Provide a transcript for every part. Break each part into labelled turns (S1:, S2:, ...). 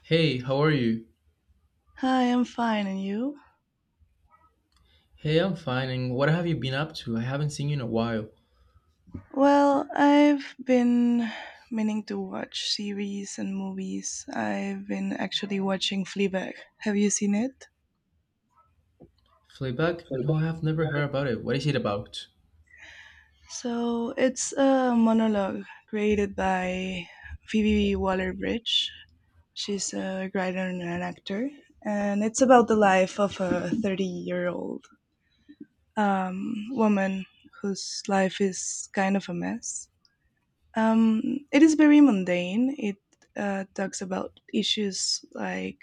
S1: Hey, how are you?
S2: Hi, I'm fine, and you?
S1: Hey, I'm fine. And what have you been up to? I haven't seen you in a while.
S2: Well, I've been meaning to watch series and movies. I've been actually watching Fleabag. Have you seen it?
S1: Fleabag? No, I have never heard about it. What is it about?
S2: So it's a monologue created by Phoebe Waller-Bridge. She's a writer and an actor, and it's about the life of a 30-year-old woman whose life is kind of a mess. It is very mundane. It talks about issues like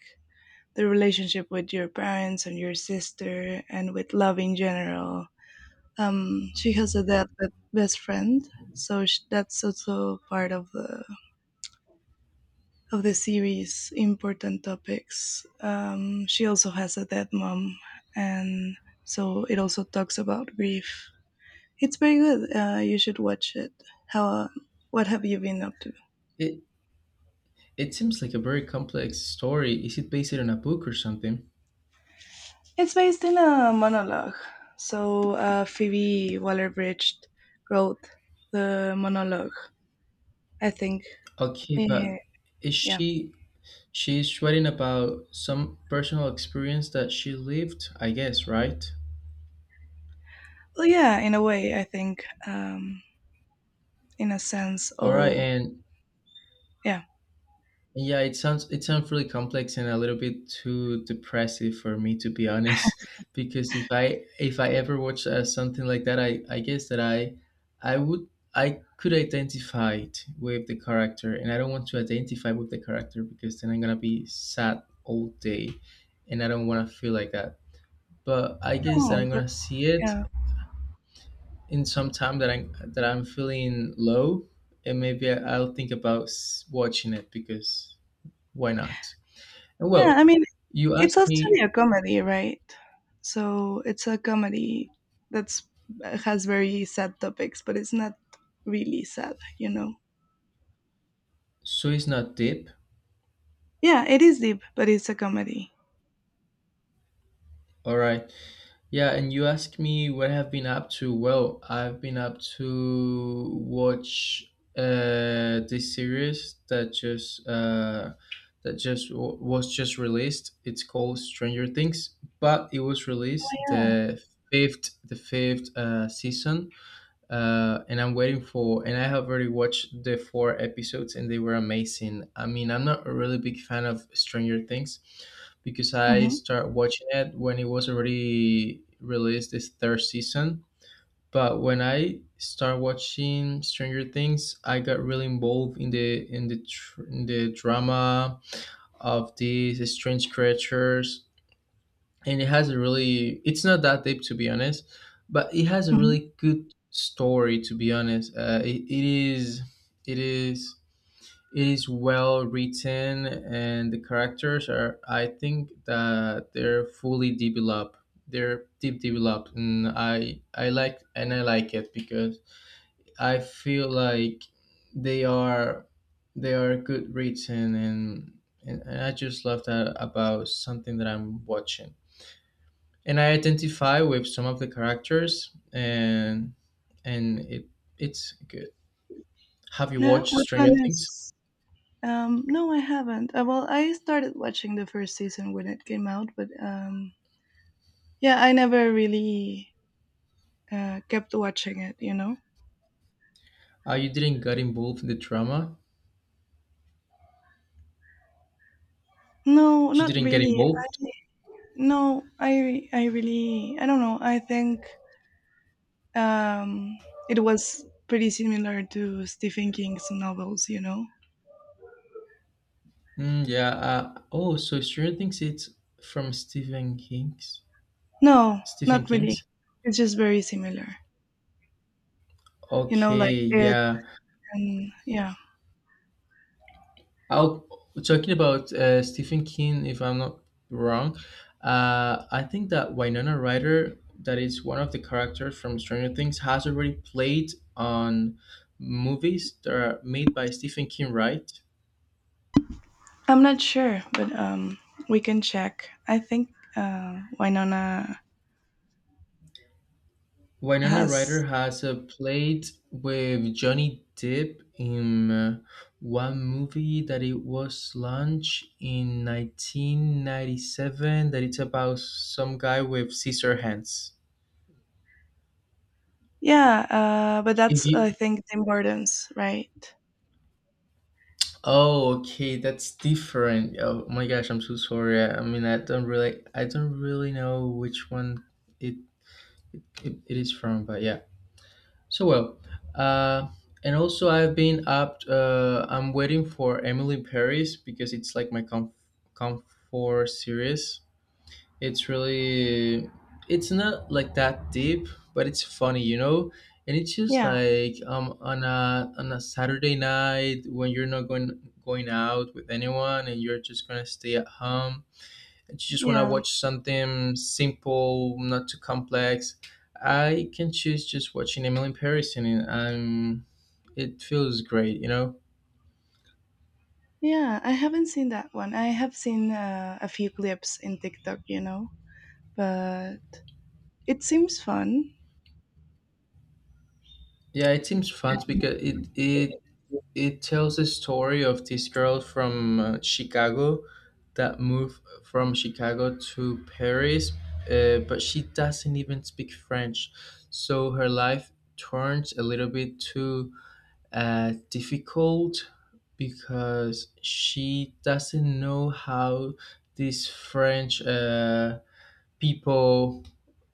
S2: the relationship with your parents and your sister and with love in general. She has a dead best friend, so that's also part of the series. Important topics. She also has a dead mom, and so it also talks about grief. It's very good. You should watch it. How? What have you been up to?
S1: It it seems like a very complex story. Is it based on a book or something?
S2: It's based in a monologue. So Phoebe Waller-Bridge wrote the monologue. I think.
S1: Okay,
S2: Yeah.
S1: but is
S2: Yeah.
S1: she She's writing about some personal experience that she lived, I guess, right?
S2: Well, yeah. In a way, I think. In a sense,
S1: All right,
S2: all.
S1: and
S2: Yeah.
S1: yeah, it sounds really complex and a little bit too depressive, for me to be honest. Because if I ever watch something like that, I guess that I would I could identify it with the character, and I don't want to identify with the character because then I'm gonna be sad all day, and I don't want to feel like that. But I guess that
S2: No,
S1: I'm
S2: but
S1: gonna see it
S2: yeah.
S1: in some time that I'm feeling low, and maybe I'll think about watching it because why not?
S2: Yeah.
S1: Well,
S2: I mean,
S1: you
S2: it's
S1: asked
S2: actually
S1: me,
S2: a comedy, right? So it's a comedy that's has very sad topics, but it's not really sad, you know.
S1: so it's not deep.
S2: Yeah, it is deep, but it's a comedy.
S1: All right. Yeah, and you asked me what I've been up to. Well, I've been up to watch this series that just w- was just released. It's called Stranger Things, but it was released the fifth season, and I'm waiting for. And I have already watched the four episodes, and they were amazing. I mean, I'm not a really big fan of Stranger Things because I
S2: Hmm.
S1: started watching it when it was already released this third season. But when I started watching Stranger Things, I got really involved in the drama of these strange creatures, and it has a really, it's not that deep, to be honest, but it has a
S2: Hmm.
S1: really good story, to be honest. It is it is it is well written, and the characters are, I think that they're fully developed, they're deep developed, and I like it because I feel like they are, they are good written, and I just love that about something that I'm watching, and I identify with some of the characters, and and it it's good. Have you
S2: Yeah,
S1: watched
S2: which one
S1: Stranger Things?
S2: is? No, I haven't. Well, I started watching the first season when it came out, but yeah, I never really kept watching it. You know?
S1: You didn't get involved in the drama.
S2: No,
S1: You
S2: not
S1: didn't get
S2: really.
S1: involved.
S2: No, I really I don't know. I think Um, it was pretty similar to Stephen King's novels, you know.
S1: Mm, yeah. Oh, so Stranger Things it's from Stephen King's.
S2: No,
S1: Stephen
S2: not really.
S1: King's.
S2: It's just very similar, like
S1: Okay.
S2: it
S1: Yeah.
S2: and yeah.
S1: I'll talking about Stephen King, if I'm not wrong. I think that Winona Ryder, that is one of the characters from Stranger Things, has already played on movies that are made by Stephen King, right?
S2: I'm not sure, but we can check. I think Winona
S1: Winona Ryder
S2: has
S1: has played with Johnny Depp in one movie that it was launched in 1997, that it's about some guy with scissor hands.
S2: yeah, but
S1: If
S2: that's
S1: you
S2: I think the importance, right?
S1: oh, okay, that's different. Oh my gosh, I'm so sorry. I mean, I don't really know which one it, it is from, but yeah. So well, uh, and also I've been up. I'm waiting for Emily in Paris because it's like my comfort series. It's really it's not like that deep, but it's funny, you know? And it's just
S2: Yeah,
S1: like on a Saturday night when you're not going out with anyone, and you're just gonna stay at home, and you just wanna
S2: yeah.
S1: watch something simple, not too complex. I can choose just watching Emily in Paris, and I'm it feels great, you know?
S2: Yeah, I haven't seen that one. I have seen a few clips in TikTok, but it seems fun.
S1: Yeah, it seems fun because
S2: Mm.
S1: it it tells a story of this girl from Chicago that moved from Chicago to Paris, but she doesn't even speak French, so her life turns a little bit too difficult because she doesn't know how this French. People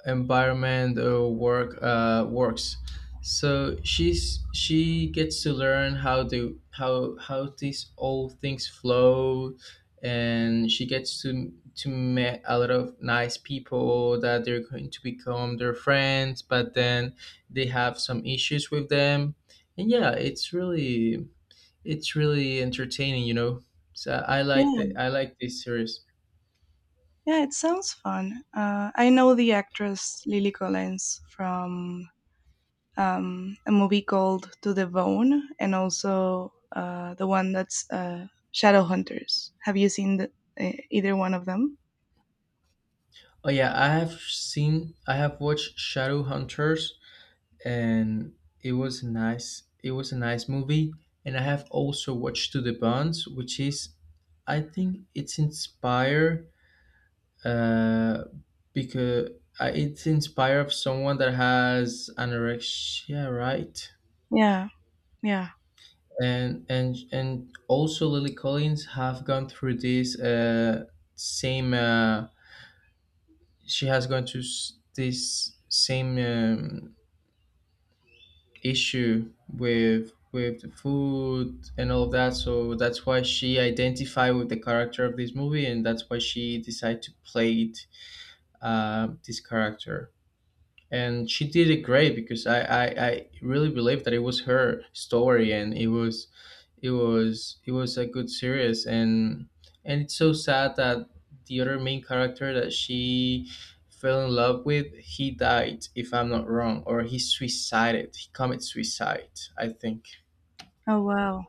S1: environment works, so she gets to learn how these old things flow, and she gets to meet a lot of nice people that they're going to become their friends, but then they have some issues with them. And yeah, it's really entertaining, you know, so
S2: Yeah,
S1: I like this series.
S2: yeah, it sounds fun. I know the actress Lily Collins from a movie called To the Bone, and also the one that's Shadowhunters. Have you seen either one of them?
S1: Oh yeah, I have watched Shadowhunters, and it was nice. It was a nice movie, and I have also watched To the Bonds, which is, I think it's inspired, uh because it's inspired of someone that has anorexia, right?
S2: Yeah, yeah.
S1: And also Lily Collins have gone through this same she has gone through this same issue with the food and all of that, so that's why she identified with the character of this movie, and that's why she decided to play it, this character. And she did it great because I really believe that it was her story, and it was, it was a good series, and it's so sad that the other main character that she fell in love with, he died, if I'm not wrong, or he suicided, he committed suicide, I think.
S2: Oh wow,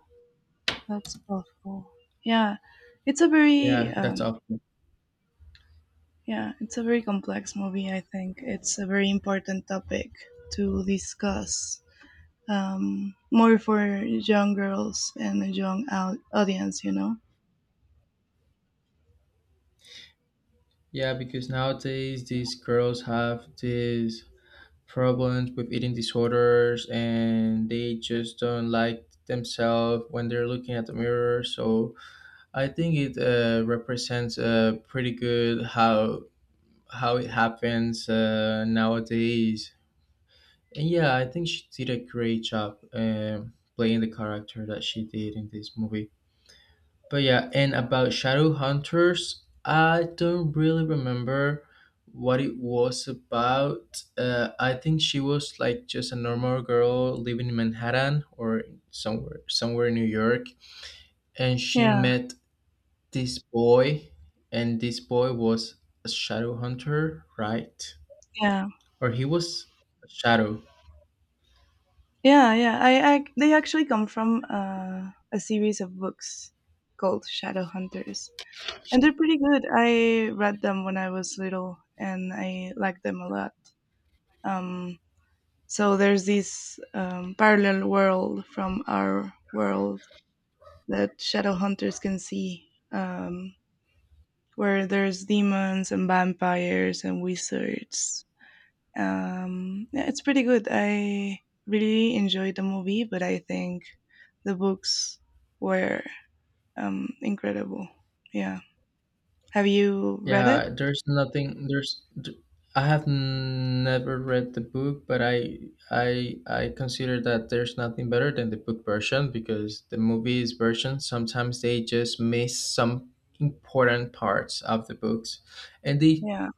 S2: that's awful. Yeah, it's a very
S1: Yeah, that's awful.
S2: yeah, it's a very complex movie. I think it's a very important topic to discuss, more for young girls and a young au- audience. You know.
S1: Yeah, because nowadays these girls have these problems with eating disorders, and they just don't like themselves when they're looking at the mirror. So I think it represents pretty good how it happens nowadays. And yeah, I think she did a great job playing the character that she did in this movie. But yeah, and about Shadow Hunters, I don't really remember what it was about. I think she was like just a normal girl living in Manhattan or somewhere in New York, and she
S2: Yeah,
S1: met this boy, and this boy was a shadow hunter, right?
S2: yeah,
S1: Or he was a shadow.
S2: yeah, yeah. I they actually come from a series of books called Shadowhunters, and they're pretty good. I read them when I was little, and I liked them a lot. Um, So there's this parallel world from our world that shadow hunters can see, um, where there's demons and vampires and wizards. Yeah, it's pretty good. I really enjoyed the movie, but I think the books were incredible. Yeah. Have you read it?
S1: Yeah, there's nothing. I have never read the book, but I I consider that there's nothing better than the book version, because the movie's version sometimes they just miss some important parts of the books, and
S2: Yeah.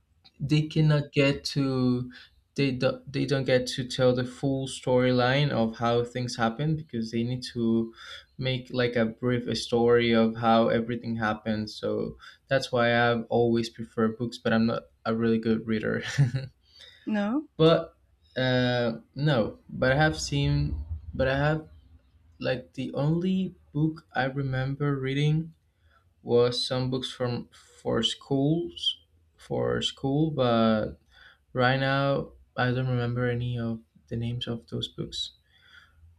S1: they cannot get to, they don't get to tell the full storyline of how things happen because they need to make like a brief story of how everything happens. So that's why I've always prefer books, but I'm not a really good reader.
S2: No.
S1: But no but I have seen but I have like the only book I remember reading was some books from for schools, for school. But right now, I don't remember any of the names of those books,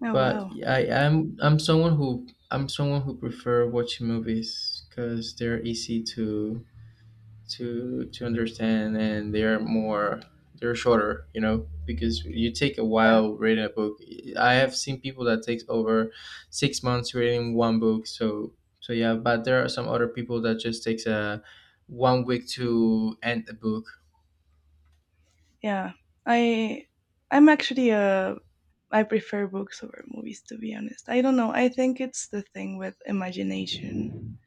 S2: Oh
S1: but
S2: wow.
S1: I'm someone who prefer watching movies because they're easy to to understand, and they're shorter, you know, because you take a
S2: Yeah.
S1: while reading a book. I have seen people that takes over 6 months reading one book, so, so yeah. But there are some other people that just takes a one week to end the book.
S2: Yeah. I I'm actually a I prefer books over movies, to be honest. I don't know. I think it's the thing with imagination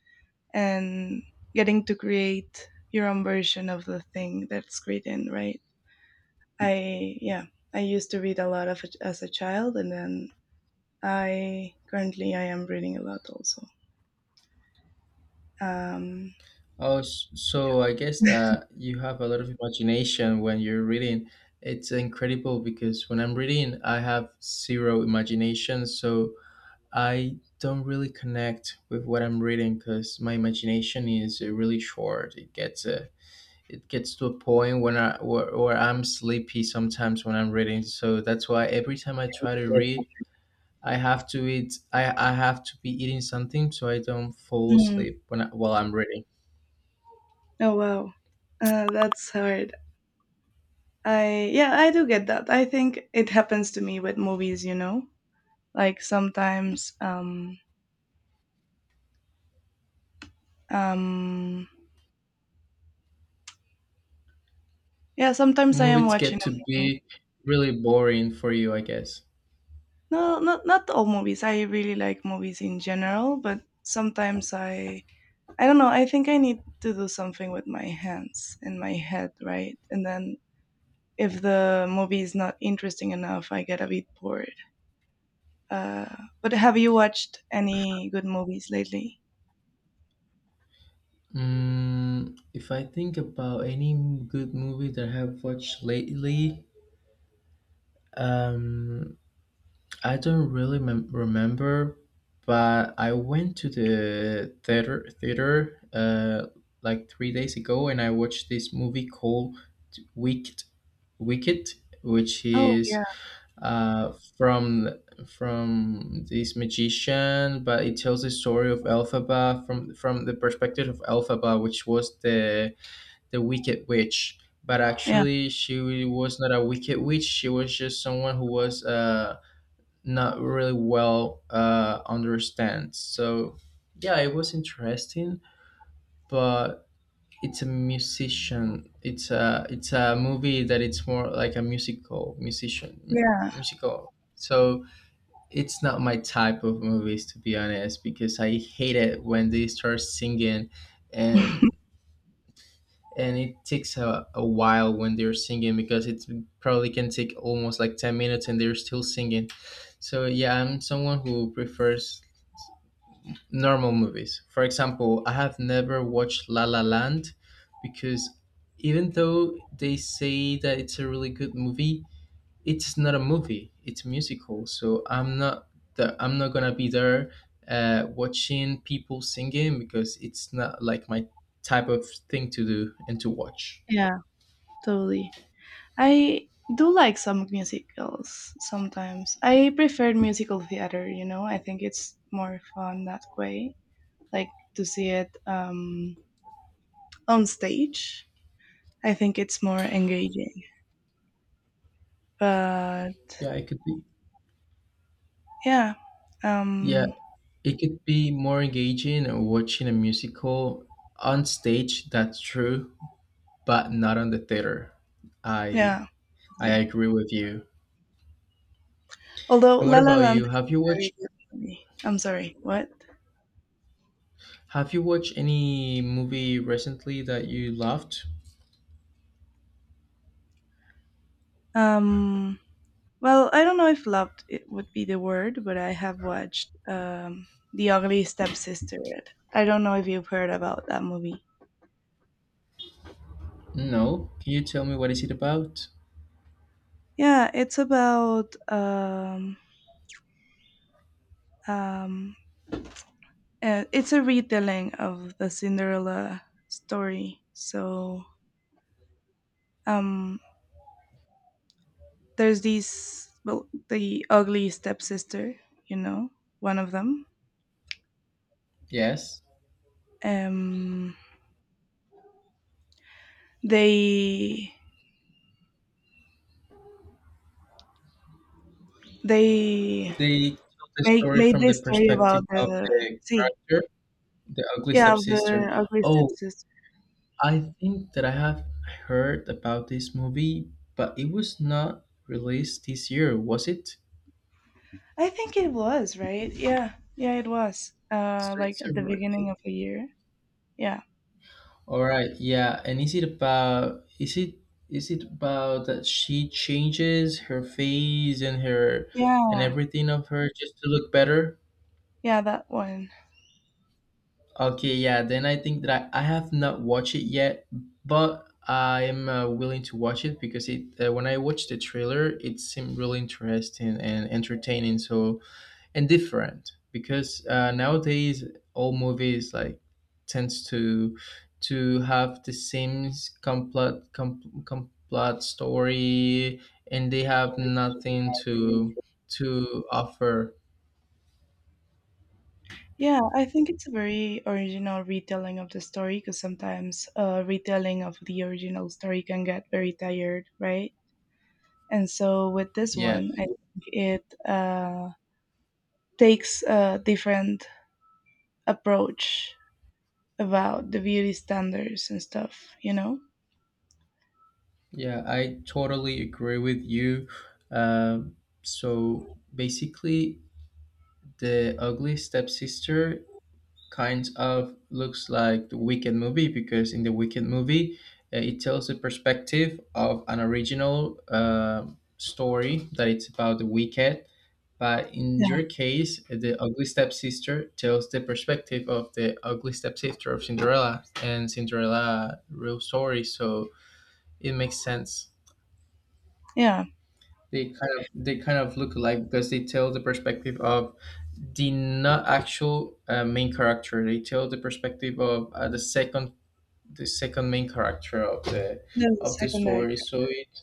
S2: and getting to create your own version of the thing that's written, right? Yeah, I used to read a lot of it as a child, and then I currently I am reading a lot also. Um.
S1: Oh, so I guess that you have a lot of imagination when you're reading. It's incredible because when I'm reading, I have zero imagination, so I don't really connect with what I'm reading because my imagination is really short. It gets to a point when I where I'm sleepy sometimes when I'm reading. So that's why every time I try to
S2: Yes.
S1: read, I have to eat. I have to be eating something so I don't fall
S2: Hmm,
S1: asleep while I'm reading.
S2: oh wow, that's hard. I yeah, I do get that. I think it happens to me with movies, you know. Like sometimes, um, yeah, sometimes I am
S1: Movies
S2: watching
S1: get to
S2: a movie.
S1: be really boring for you, I guess.
S2: No, not all movies. I really like movies in general, but sometimes I don't know, I think I need to do something with my hands and my head, right? And then if the movie is not interesting enough, I get a bit bored. Uh, but have you watched any good movies lately?
S1: Mm, if I think about any good movie that I have watched lately, um, I don't really remember, but I went to the theater like 3 days ago, and I watched this movie called Wicked, Wicked, which
S2: Oh
S1: is
S2: yeah,
S1: from this magician, but it tells the story of Elphaba from the perspective of Elphaba, which was the wicked witch. But
S2: yeah,
S1: actually, she was not a wicked witch. She was just someone who was not really well understand. So yeah, it was interesting, but it's a musician. It's a movie that it's more like a musical, musician
S2: yeah,
S1: musical. So it's not my type of movies, to be honest, because I hate it when they start singing, and it takes a while when they're singing because it probably can take almost like 10 minutes, and they're still singing. So yeah, I'm someone who prefers normal movies. For example, I have never watched La La Land because even though they say that it's a really good movie, it's not a movie, it's musical, so I'm not the I'm not gonna be there watching people singing because it's not like my type of thing to do and to watch.
S2: yeah, totally. I do like some musicals sometimes. I prefer musical theater, you know. I think it's more fun that way, like to see it on stage. I think it's more engaging. But
S1: Yeah, it could be.
S2: yeah,
S1: Yeah,
S2: um,
S1: it could be more engaging, watching a musical on stage, that's true. But not on the theater, i
S2: yeah.
S1: I
S2: Really.
S1: agree with you.
S2: Although
S1: And what
S2: La La
S1: about
S2: Land
S1: you,
S2: is
S1: have you
S2: a very
S1: watched
S2: good movie. I'm sorry, what?
S1: any movie recently that you loved?
S2: Um. Well, I don't know if loved it would be the word, but I have watched The Ugly Stepsister. I don't know if you've heard about that movie.
S1: No, can you tell me what is it about?
S2: Yeah, it's about um, it's a retelling of the Cinderella story. So um, there's these well, the ugly stepsister, you know, one of them.
S1: Yes.
S2: Um, they they
S1: They tell the
S2: make
S1: story
S2: made
S1: from the
S2: this story about
S1: perspective of
S2: the
S1: the
S2: see
S1: character, the ugly
S2: Yeah, of the
S1: stepsister.
S2: Ugly
S1: Oh,
S2: Stepsister.
S1: I think that I have heard about this movie, but it was not released this year, was it?
S2: I think it was, right? Yeah. Yeah, it was.
S1: So
S2: Like
S1: it's a,
S2: at the
S1: re-
S2: beginning of the year. Yeah.
S1: all right, yeah. And is it about, is it about that she changes her face and her and
S2: Yeah.
S1: everything of her just to look better?
S2: Yeah, that one.
S1: Okay, yeah, then I think that I have not watched it yet, but I am willing to watch it because it when I watched the trailer, it seemed really interesting and entertaining, so, and different because nowadays all movies like tends to have the same complete story and they have nothing to offer.
S2: Yeah, I think it's a very original retelling of the story because sometimes retelling of the original story can get very tired, right? And so with this
S1: Yeah,
S2: one, I think it takes a different approach about the beauty standards and stuff, you know?
S1: Yeah, I totally agree with you. Um, so basically, the ugly stepsister kind of looks like the Wicked movie, because in the Wicked movie, it tells the perspective of an original story that it's about the Wicked. But in
S2: Yeah,
S1: your case, the ugly stepsister tells the perspective of the ugly stepsister of Cinderella and Cinderella real story. So it makes sense.
S2: yeah.
S1: They kind of look alike because they tell the perspective of the not actual main character. They tell the perspective of the second main character of the
S2: That's the secondary
S1: story. So it,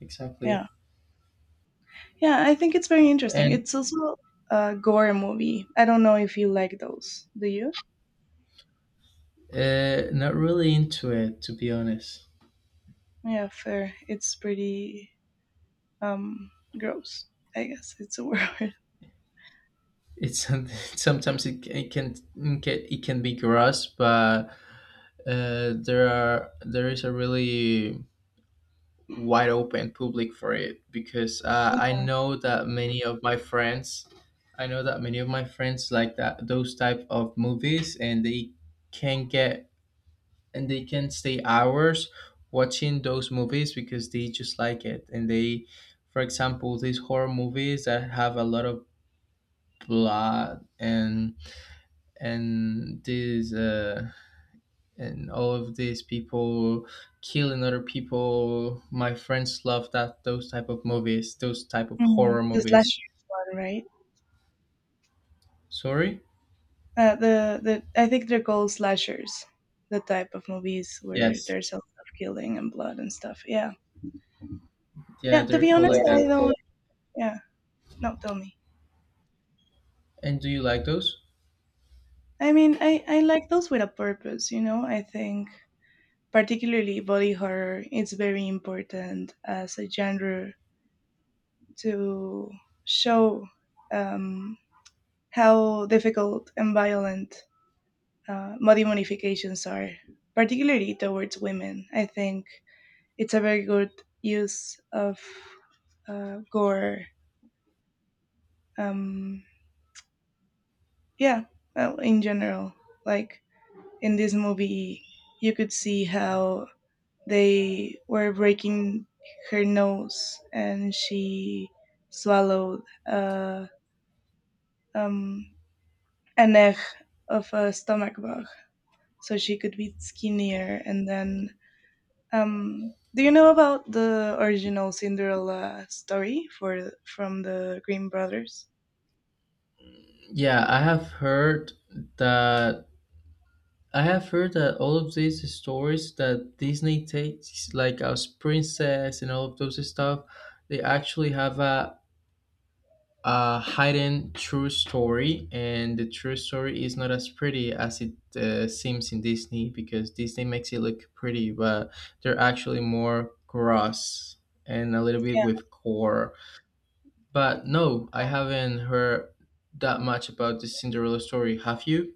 S1: exactly.
S2: yeah. Yeah, I think it's very interesting.
S1: And
S2: It's also a gore movie. I don't know if you like those. Do you?
S1: not really into it, to be honest.
S2: Yeah, fair. It's pretty um gross. I guess it's a word.
S1: It's sometimes it can be gross, but there are there is a really wide open public for it, because I
S2: Yeah.
S1: know that many of my friends, I know that many of my friends like that those type of movies, and they can get and they can stay hours watching those movies because they just like it, and they, for example, these horror movies that have a lot of blood and these and all of these people killing other people. My friends love that, those type of movies, those type of
S2: Mhm.
S1: horror
S2: The
S1: movies.
S2: slashers one, right?
S1: Sorry?
S2: The I think they're called slashers. The type of movies where
S1: Yes.
S2: there's a lot of killing and blood and stuff. Yeah,
S1: Yeah,
S2: yeah. To
S1: they're
S2: be
S1: cool
S2: honest,
S1: like
S2: I
S1: that.
S2: don't. Yeah, no, tell me.
S1: And do you like those?
S2: I mean, I like those with a purpose, you know? I think particularly body horror it's very important as a genre to show um, how difficult and violent body modifications are, particularly towards women. I think it's a very good use of gore. Um, yeah, well, in general, like in this movie, you could see how they were breaking her nose, and she swallowed uh, um, an egg of a stomach bug so she could be skinnier. And then, do you know about the original Cinderella story for from the Grimm Brothers?
S1: Yeah, I have heard that I have heard that all of these stories that Disney takes, like as princess and all of those stuff, they actually have a hidden true story, and the true story is not as pretty as it seems in Disney, because Disney makes it look pretty, but they're actually more gross and a little bit with core. But no, I haven't heard that much about the Cinderella story. Have you?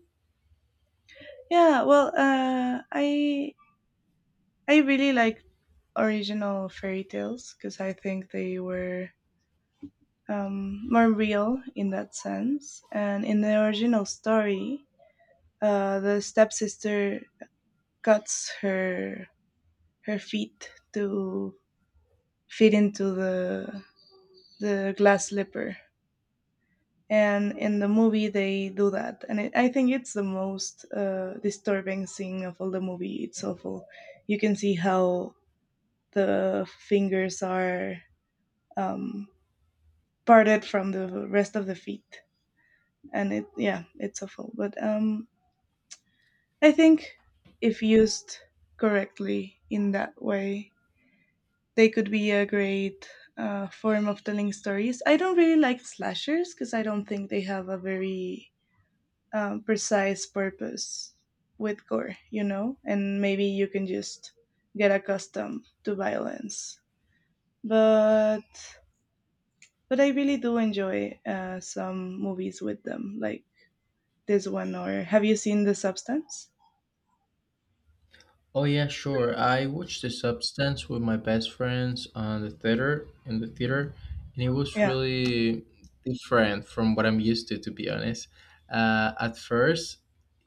S2: Yeah, well, I really like original fairy tales because I think they were more real in that sense. And in the original story, the stepsister cuts her feet to fit into the glass slipper. And in the movie, they do that, and it, I think it's the most disturbing scene of all the movie. It's awful. You can see how the fingers are um, parted from the rest of the feet, and it yeah, it's awful. But I think if used correctly in that way, they could be a great form of telling stories. I don't really like slashers because I don't think they have a very precise purpose with gore, you know? And maybe you can just get accustomed to violence. But I really do enjoy some movies with them, like this one. Or have you seen The Substance?
S1: Oh yeah, sure. I watched The Substance with my best friends on the theater, and it was
S2: Yeah.
S1: really different from what I'm used to be honest. At first,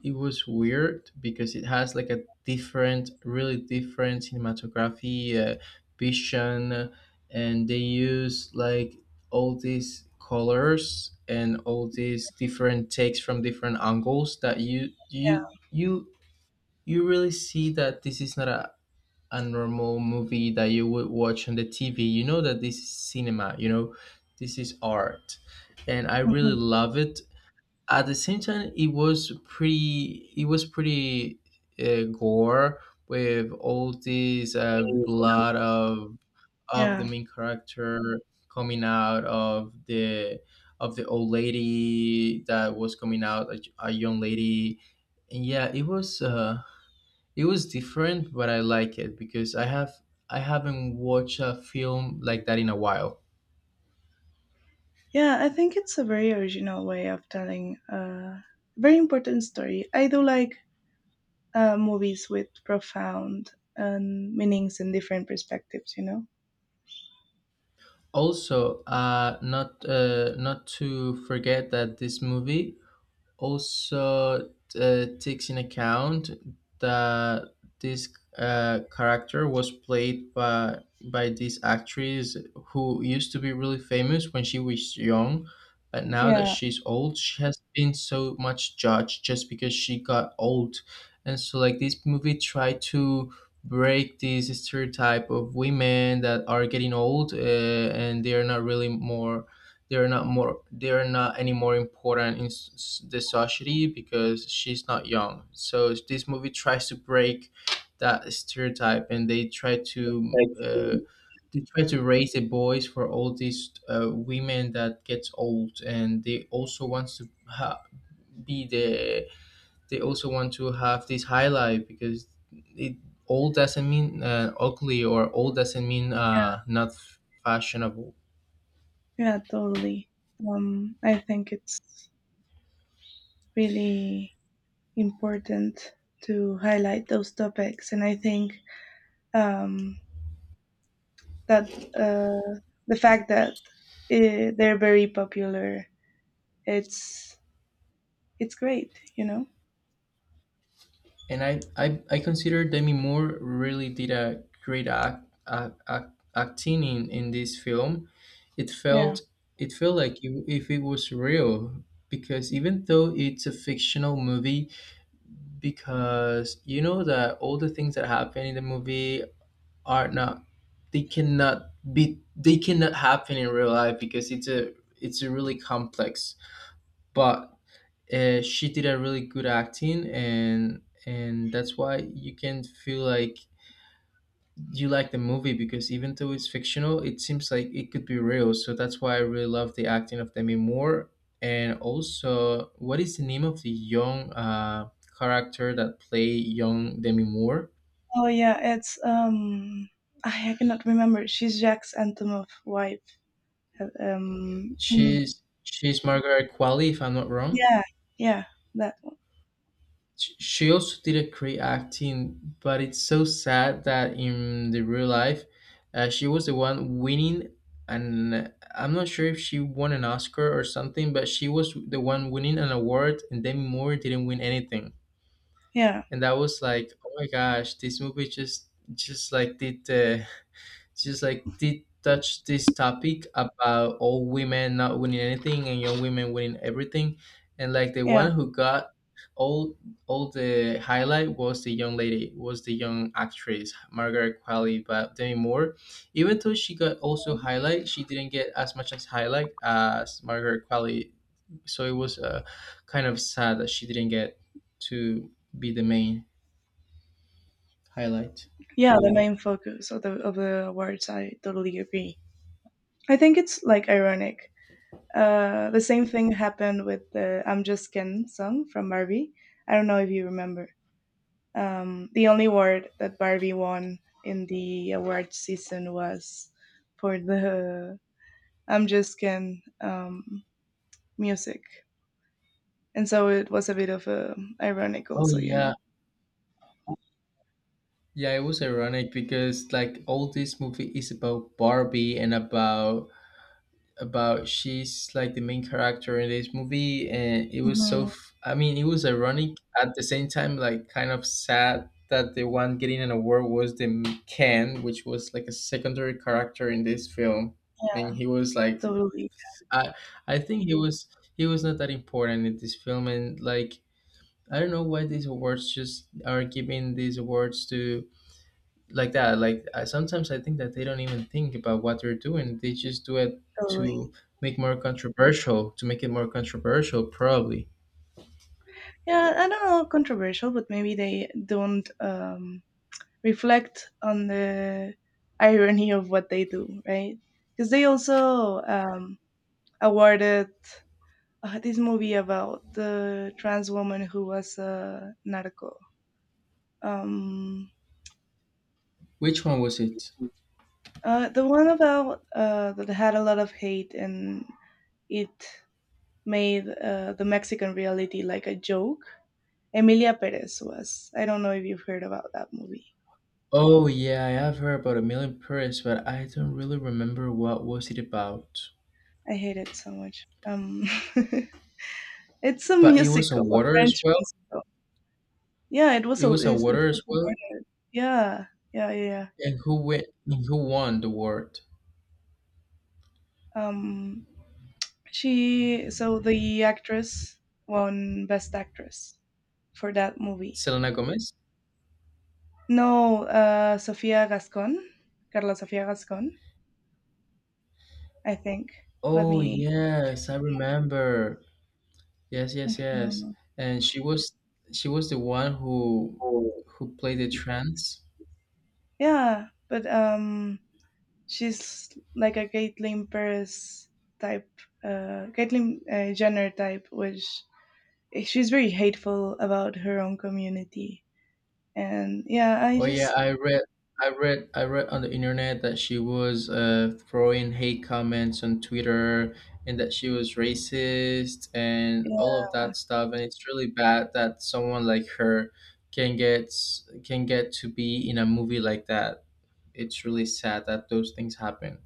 S1: it was weird because it has like a different, really different cinematography vision, and they use like all these colors and all these different takes from different angles that you really see that this is not a, a normal movie that you would watch on the TV. You know that this is cinema, you know, this is art. And I really
S2: Mhm.
S1: love it. At the same time, it was pretty gore, with all this blood of the
S2: Yeah.
S1: main character coming out of the old lady that was coming out, a young lady, and yeah, it was. It was different, but I like it because I have I haven't watched a film like that in a while.
S2: Yeah, I think it's a very original way of telling a very important story. I do like movies with profound meanings and different perspectives, you know?
S1: Also, not not to forget that this movie also takes in account that this character was played by this actress who used to be really famous when she was young, but now that
S2: Yeah,
S1: she's old, she has been so much judged just because she got old, and so like this movie tried to break this stereotype of women that are getting old, and they are not really more, they're not any more important in the society because she's not young. So this movie tries to break that stereotype, and they try to raise the boys for all these women that gets old, and they also wants to be the, they also want to have this highlight because it, old doesn't mean ugly, or old doesn't mean
S2: yeah,
S1: not fashionable.
S2: yeah, totally. I think it's really important to highlight those topics, and I think um, that the fact that they're very popular, it's it's great, you know.
S1: And I I consider Demi Moore really did a great acting in this film. It
S2: Yeah.
S1: felt, it felt like you, if it was real, because even though it's a fictional movie, because you know that all the things that happen in the movie are not, they cannot happen in real life because it's a really complex, but she did a really good acting, and that's why you can feel like you like the movie, because even though it's fictional, it seems like it could be real. So that's why I really love the acting of Demi Moore. And also, what is the name of the young character that play young Demi Moore?
S2: Oh yeah, it's I cannot remember. She's Jack's Antemoff wife. Um mm,
S1: She's Margaret Qualley, if I'm not wrong.
S2: yeah, yeah, that one.
S1: She also did a great acting, but it's so sad that in the real life, she was the one winning, and I'm not sure if she won an Oscar or something, but she was the one winning an award, and Demi Moore didn't win anything.
S2: Yeah.
S1: And that was like, oh my gosh, this movie just like did the just like did touch this topic about old women not winning anything and young women winning everything. And like the
S2: Yeah.
S1: one who got all the highlight was the young lady, was the young actress Margaret Qualley, but Demi Moore, even though she got also highlight, she didn't get as much as highlight as Margaret Qualley. So it was kind of sad that she didn't get to be the main highlight.
S2: Yeah, the main focus of the awards, I totally agree. I think it's like ironic. The same thing happened with the I'm Just Ken song from Barbie. I don't know if you remember. The only award that Barbie won in the award season was for the I'm Just Ken music. And so it was a bit of a ironic
S1: Oh
S2: also, you
S1: yeah.
S2: know.
S1: Yeah, it was ironic, because like all this movie is about Barbie, and about she's like the main character in this movie, and it was so
S2: Mhm.
S1: I mean, it was ironic, at the same time like kind of sad, that the one getting an award was the Ken, which was like a secondary character in this film. And he was like,
S2: Totally,
S1: I I think he was, he was not that important in this film. And like, I don't know why these awards just are giving these awards to like that. Like, sometimes I think that they don't even think about what they're doing, they just do it
S2: totally.
S1: to make more controversial, to make it more controversial, probably.
S2: Yeah, I don't know, controversial, but maybe they don't reflect on the irony of what they do, right? Because they also awarded this movie about the trans woman who was a narco. Um,
S1: Which one was it?
S2: the one about that had a lot of hate and it made the Mexican reality like a joke. Emilia Perez was. I don't know if you've heard about that movie.
S1: Oh yeah, I have heard about A Million Paris, but I don't really remember what was it about.
S2: I hate it so much. Um. It's a
S1: But it was a
S2: musical, a
S1: water as
S2: French
S1: well.
S2: musical. Yeah, it was
S1: It
S2: a.
S1: was a
S2: It
S1: water
S2: was
S1: as
S2: a
S1: well.
S2: murder. Yeah, yeah, yeah, yeah.
S1: And who went and who won the award?
S2: Um, she so the actress won Best Actress for that movie.
S1: Selena Gomez?
S2: No, Sofia Gascon, Carla Sofia Gascon, I think. Let
S1: Oh
S2: me.
S1: yes, I remember. Yes, yes, yes. And she was, she was the one
S2: Um.
S1: who played the trance.
S2: Yeah, but she's like a Caitlyn Paris type, Caitlyn Jenner type, which eh, she's very hateful about her own community. And yeah, I
S1: Oh
S2: just
S1: yeah, I read, I read on the internet that she was throwing hate comments on Twitter, and that she was racist and all
S2: yeah,
S1: of that stuff. And it's really bad that someone like her can get, can get to be in a movie like that. It's really sad that those things happen.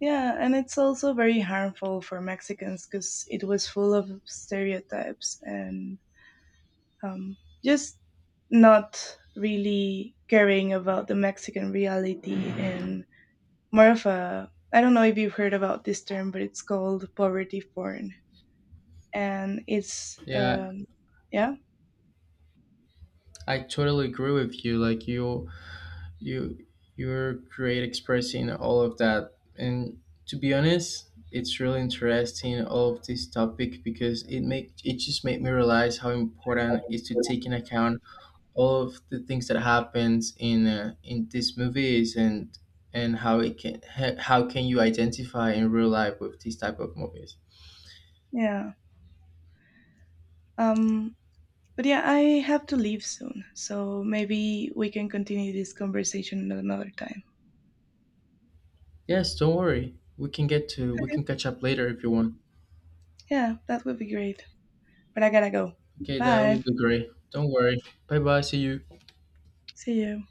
S2: yeah and it's also very harmful for Mexicans because it was full of stereotypes and um, just not really caring about the Mexican reality and more of a I don't know if you've heard about this term, but it's called poverty porn, and it's
S1: Yeah,
S2: yeah,
S1: I totally agree with you. Like, you you're great expressing all of that. And to be honest, it's really interesting all of this topic, because it make, it just made me realize how important it is to take in account all of the things that happens in these movies, and how it can how can you identify in real life with these type of movies.
S2: yeah. Um, but yeah, I have to leave soon, so maybe we can continue this conversation at another time.
S1: Yes, don't worry, we can get to, we
S2: Okay.
S1: can catch up later if you want.
S2: Yeah, that would be great. But I gotta go.
S1: Okay, that
S2: Bye.
S1: would be great, don't worry. Bye bye, see you.
S2: See you.